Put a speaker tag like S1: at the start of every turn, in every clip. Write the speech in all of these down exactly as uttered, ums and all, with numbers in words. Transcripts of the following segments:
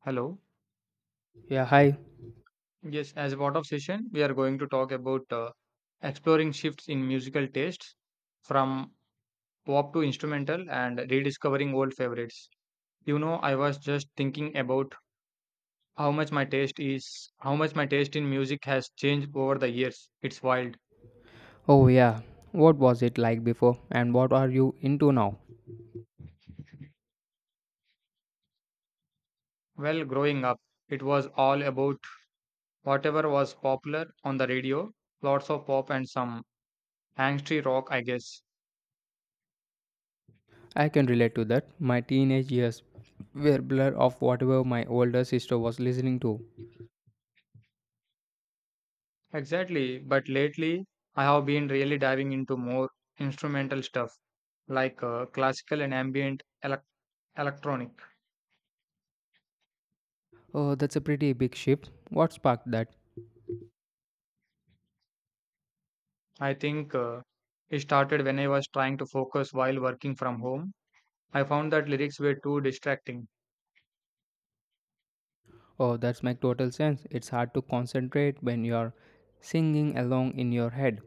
S1: Hello.
S2: Yeah, hi.
S1: Yes, as a part of session, we are going to talk about uh, exploring shifts in musical tastes from pop to instrumental and rediscovering old favorites. You know, I was just thinking about how much my taste is, how much my taste in music has changed over the years. It's wild.
S2: Oh, yeah. What was it like before, and what are you into now?
S1: Well, growing up, it was all about whatever was popular on the radio, lots of pop and some angsty rock, I guess.
S2: I can relate to that. My teenage years were blur of whatever my older sister was listening to.
S1: Exactly, but lately I have been really diving into more instrumental stuff like uh, classical and ambient elec- electronic.
S2: Oh, that's a pretty big shift. What sparked that?
S1: I think uh, It started when I was trying to focus while working from home. I found that lyrics were too distracting,
S2: Oh, that's make total sense. It's hard to concentrate when you're singing along in your head.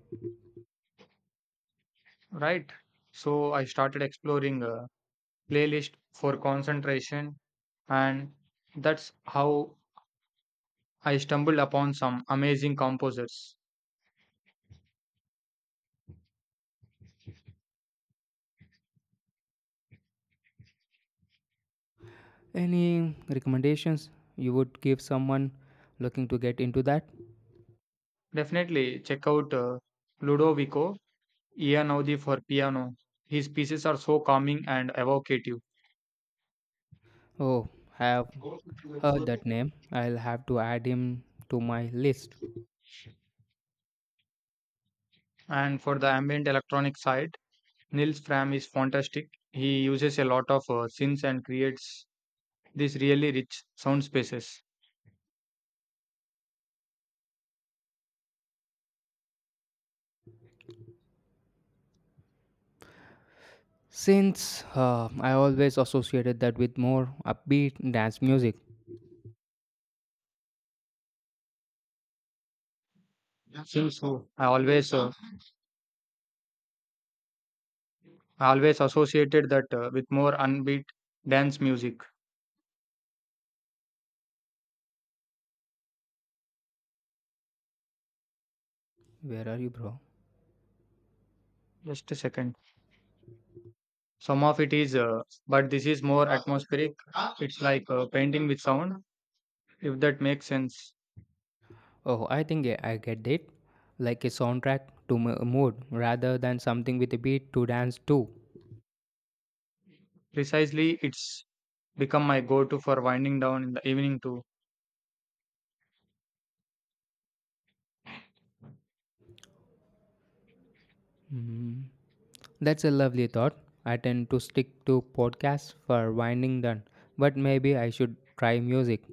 S1: right? So I started exploring a playlist for concentration, and that's how I stumbled upon some amazing composers.
S2: Any recommendations you would give someone looking to get into that?
S1: Definitely check out uh, Ludovico Ian Audi for piano. His pieces are so calming and evocative.
S2: Oh, have heard that name. I'll have to add him to my list.
S1: And for the ambient electronic side, Nils Fram is fantastic. He uses a lot of uh, synths and creates these really rich sound spaces.
S2: Since uh, I always associated that with more upbeat dance music.
S1: Synths, who I always uh, I always associated that uh, with more unbeat dance music.
S2: Where are you, bro?
S1: Just a second. Some of it is, uh, but this is more atmospheric. It's like uh, painting with sound, if that makes sense.
S2: Oh, I think I I get it. Like a soundtrack to m- a mood rather than something with a beat to dance to.
S1: Precisely, it's become my go-to for winding down in the evening too.
S2: Mm. That's a lovely thought. I tend to stick to podcasts for winding down, but maybe I should try music.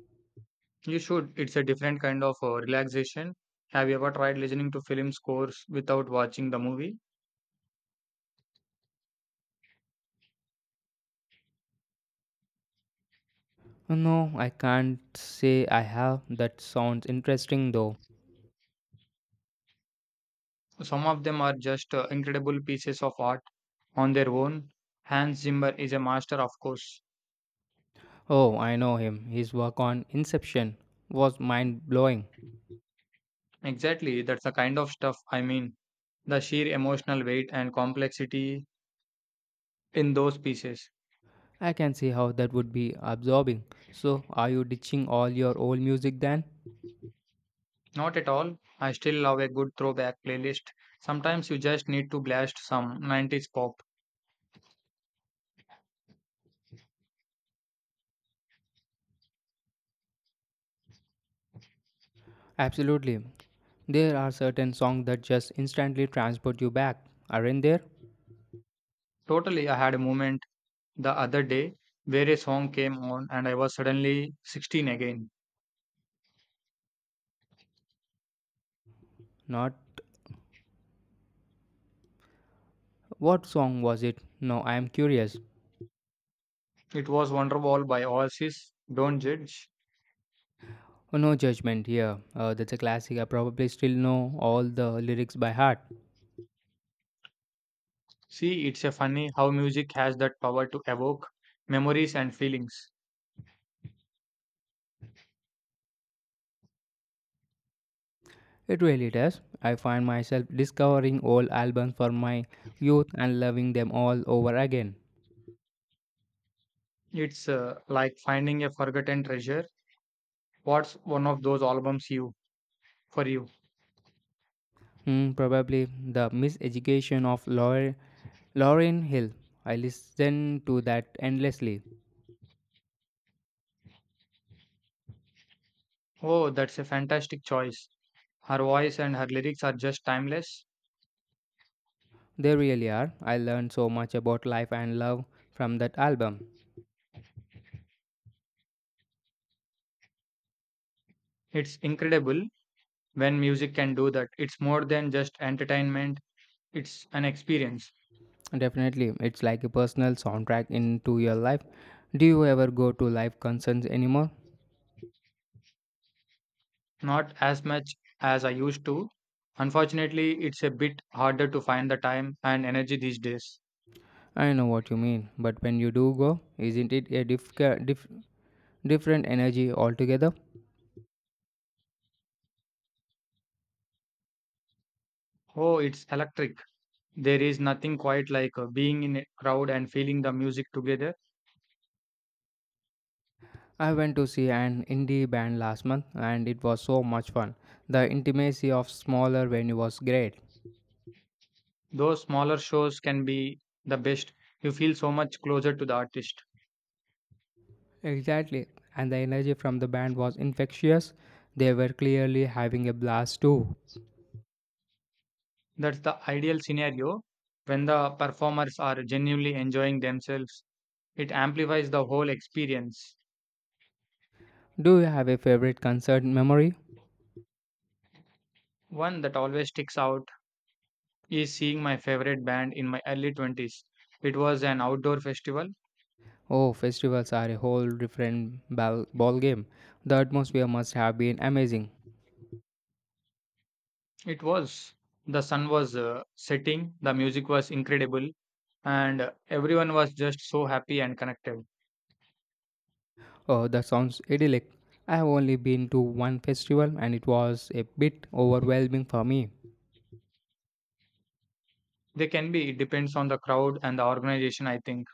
S1: You should. It's a different kind of uh, relaxation. Have you ever tried listening to film scores without watching the movie?
S2: No, I can't say I have. That sounds interesting though.
S1: Some of them are just uh, incredible pieces of art on their own. Hans Zimmer is a master, of course.
S2: Oh, I know him. His work on Inception was mind blowing.
S1: Exactly, that's the kind of stuff I mean. The sheer emotional weight and complexity in those pieces.
S2: I can see how that would be absorbing. So, are you ditching all your old music then?
S1: Not at all. I still love a good throwback playlist. Sometimes you just need to blast some nineties pop.
S2: Absolutely. There are certain songs that just instantly transport you back, aren't there?
S1: Totally, I had a moment the other day where a song came on and I was suddenly sixteen again.
S2: Not. What song was it? No, I am curious.
S1: It was Wonderwall by Oasis. Don't judge.
S2: Oh, no judgment here. Uh, that's a classic. I probably still know all the lyrics by heart.
S1: See, it's a funny how music has that power to evoke memories and feelings.
S2: It really does. I find myself discovering old albums from my youth and loving them all over again.
S1: It's uh, like finding a forgotten treasure. What's one of those albums you for you?
S2: Hmm, probably the miseducation of Laura Lauren Hill. I listen to that endlessly.
S1: Oh, that's a fantastic choice. Her voice and her lyrics are just timeless.
S2: They really are. I learned so much about life and love from that album.
S1: It's incredible when music can do that. It's more than just entertainment, it's an experience.
S2: Definitely, it's like a personal soundtrack into your life. Do you ever go to live concerts anymore?
S1: Not as much as I used to. Unfortunately, it's a bit harder to find the time and energy these days.
S2: I know what you mean, but when you do go, isn't it a diff- diff- different energy altogether?
S1: Oh, it's electric. There is nothing quite like uh, being in a crowd and feeling the music together.
S2: I went to see an indie band last month and it was so much fun. The intimacy of smaller venue was great.
S1: Those smaller shows can be the best. You feel so much closer to the artist.
S2: Exactly. And the energy from the band was infectious. They were clearly having a blast too.
S1: That's the ideal scenario. When the performers are genuinely enjoying themselves, it amplifies the whole experience.
S2: Do you have a favorite concert memory?
S1: One that always sticks out is seeing my favorite band in my early twenties. It was an outdoor festival.
S2: Oh, festivals are a whole different ball, ball game. The atmosphere must have been amazing.
S1: It was. The sun was uh, setting, the music was incredible, and uh, everyone was just so happy and connected.
S2: Oh, that sounds idyllic. I have only been to one festival and it was a bit overwhelming for me.
S1: They can be, it depends on the crowd and the organization, I think.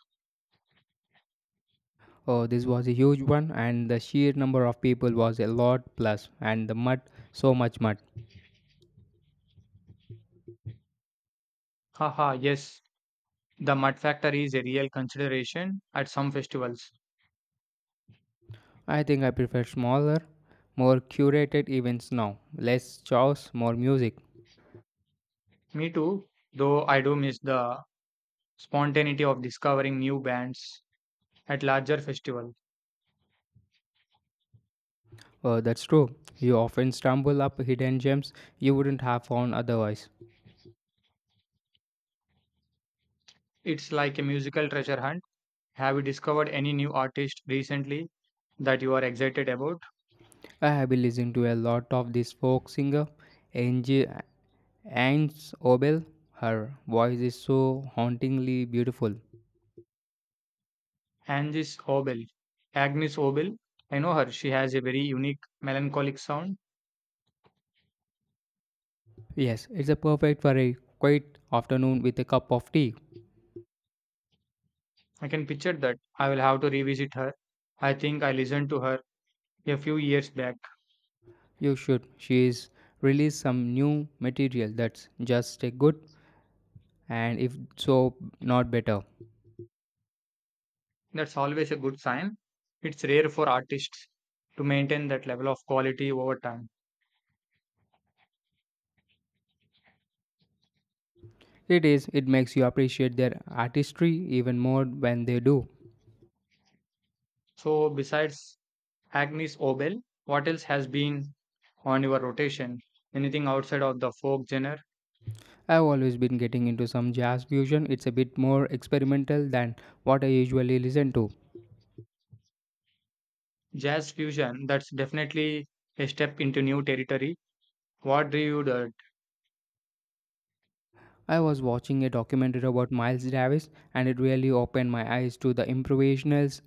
S2: Oh, this was a huge one and the sheer number of people was a lot plus and the mud, so much mud.
S1: Haha, yes, the mud factor is a real consideration at some festivals.
S2: I think I prefer smaller, more curated events now. Less chaos, more music.
S1: Me too, though I do miss the spontaneity of discovering new bands at larger festival.
S2: Uh, that's true. You often stumble up hidden gems you wouldn't have found otherwise.
S1: It's like a musical treasure hunt. Have you discovered any new artist recently that you are excited about?
S2: I have been listening to a lot of this folk singer, Angie Anne's Obel. Her voice is so hauntingly beautiful.
S1: Agnes Obel. Agnes Obel. I know her. She has a very unique melancholic sound.
S2: Yes, it's a perfect for a quiet afternoon with a cup of tea.
S1: I can picture that. I will have to revisit her. I think I listened to her a few years back.
S2: You should. She's released some new material that's just a good and if so not better.
S1: That's always a good sign. It's rare for artists to maintain that level of quality over time.
S2: It is, it makes you appreciate their artistry even more when they do.
S1: So, besides Agnes Obel, what else has been on your rotation? Anything outside of the folk genre?
S2: I've always been getting into some jazz fusion. It's a bit more experimental than what I usually listen to.
S1: Jazz fusion, that's definitely a step into new territory. What drew you to it?
S2: I was watching a documentary about Miles Davis and it really opened my eyes to the improvisationals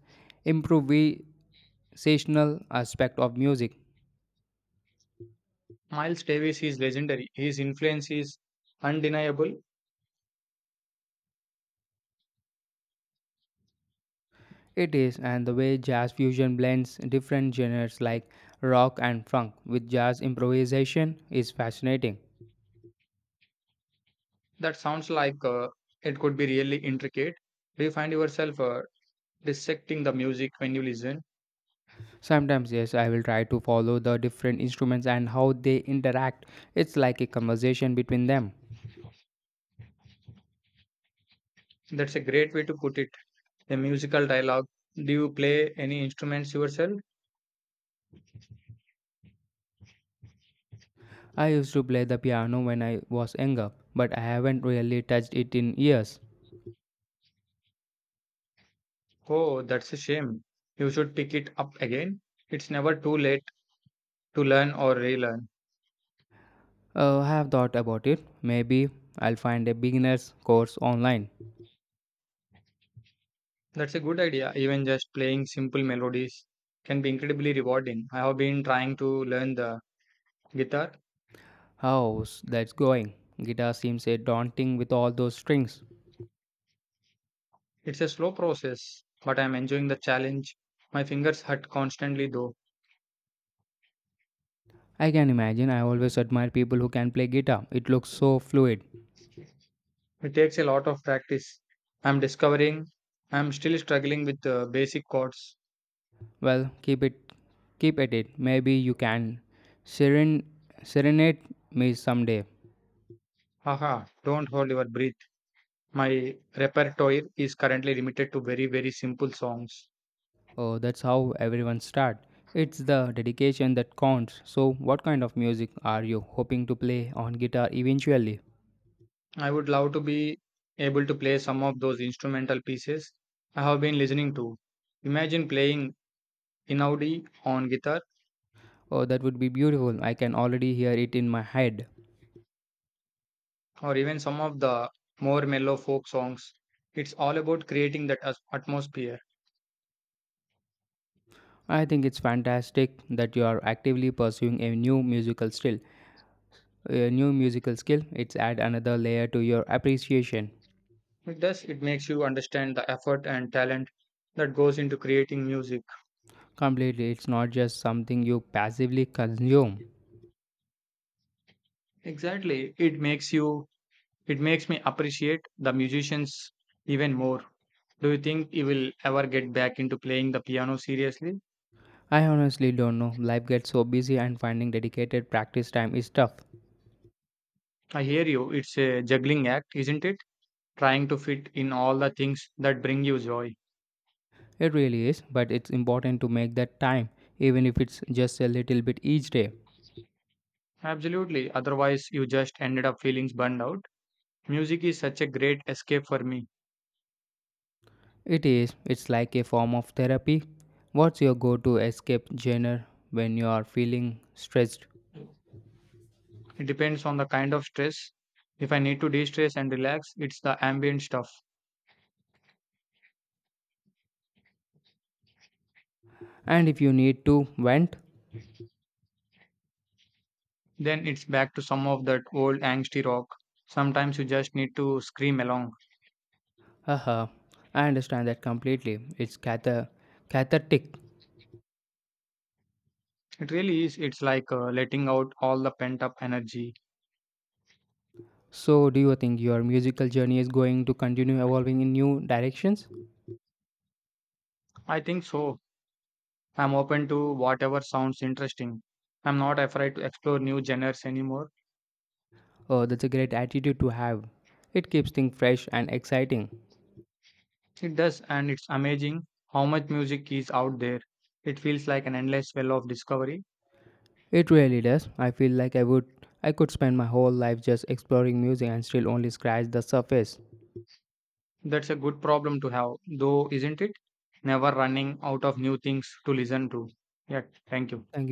S2: improvisational aspect of music.
S1: Miles Davis is legendary. His influence is undeniable.
S2: It is, and the way jazz fusion blends different genres like rock and funk with jazz improvisation is fascinating.
S1: That sounds like uh, it could be really intricate. Do you find yourself uh, dissecting the music when you listen?
S2: Sometimes, yes, I will try to follow the different instruments and how they interact. It's like a conversation between them.
S1: That's a great way to put it. A musical dialogue. Do you play any instruments yourself?
S2: I used to play the piano when I was younger, but I haven't really touched it in years.
S1: Oh, that's a shame. You should pick it up again. It's never too late to learn or relearn.
S2: Uh, I have thought about it. Maybe I'll find a beginner's course online.
S1: That's a good idea. Even just playing simple melodies can be incredibly rewarding. I have been trying to learn the guitar.
S2: How's that's going? Guitar seems a daunting with all those strings.
S1: It's a slow process, but I'm enjoying the challenge. My fingers hurt constantly, though.
S2: I can imagine. I always admire people who can play guitar. It looks so fluid.
S1: It takes a lot of practice. I'm discovering I'm still struggling with the basic chords.
S2: Well, keep it keep at it. Maybe you can seren- serenade me someday.
S1: Haha, don't hold your breath. My repertoire is currently limited to very, very simple songs.
S2: Oh, that's how everyone start. It's the dedication that counts. So, what kind of music are you hoping to play on guitar eventually?
S1: I would love to be able to play some of those instrumental pieces I have been listening to. Imagine playing Inaudi on guitar
S2: Oh, that would be beautiful. I can already hear it in my head.
S1: or even some of the more mellow folk songs. It's all about creating that as- atmosphere.
S2: I think it's fantastic that you are actively pursuing a new musical skill. A new musical skill, it's add another layer to your appreciation.
S1: It does, it makes you understand the effort and talent that goes into creating music.
S2: Completely, it's not just something you passively consume.
S1: Exactly, it makes you, it makes me appreciate the musicians even more. Do you think you will ever get back into playing the piano seriously?
S2: I honestly don't know. Life gets so busy, and finding dedicated practice time is tough.
S1: I hear you. It's a juggling act, isn't it? Trying to fit in all the things that bring you joy.
S2: It really is, but it's important to make that time, even if it's just a little bit each day.
S1: Absolutely. Otherwise, you just ended up feeling burned out. Music is such a great escape for me.
S2: It is, it's like a form of therapy. What's your go to escape genre when you are feeling stressed?
S1: It depends on the kind of stress. If I need to de stress and relax, it's the ambient stuff.
S2: And if you need to vent?
S1: Then it's back to some of that old angsty rock. Sometimes you just need to scream along.
S2: Haha, I understand that completely. It's catha- cathartic.
S1: It really is. It's like uh, letting out all the pent up energy.
S2: So, do you think your musical journey is going to continue evolving in new directions?
S1: I think so. I'm open to whatever sounds interesting. I'm not afraid to explore new genres anymore.
S2: Oh, that's a great attitude to have. It keeps things fresh and exciting.
S1: It does, and it's amazing how much music is out there. It feels like an endless well of discovery.
S2: It really does. I feel like I would I could spend my whole life just exploring music and still only scratch the surface.
S1: That's a good problem to have, though, isn't it? Never running out of new things to listen to. Yeah, thank you.
S2: Thank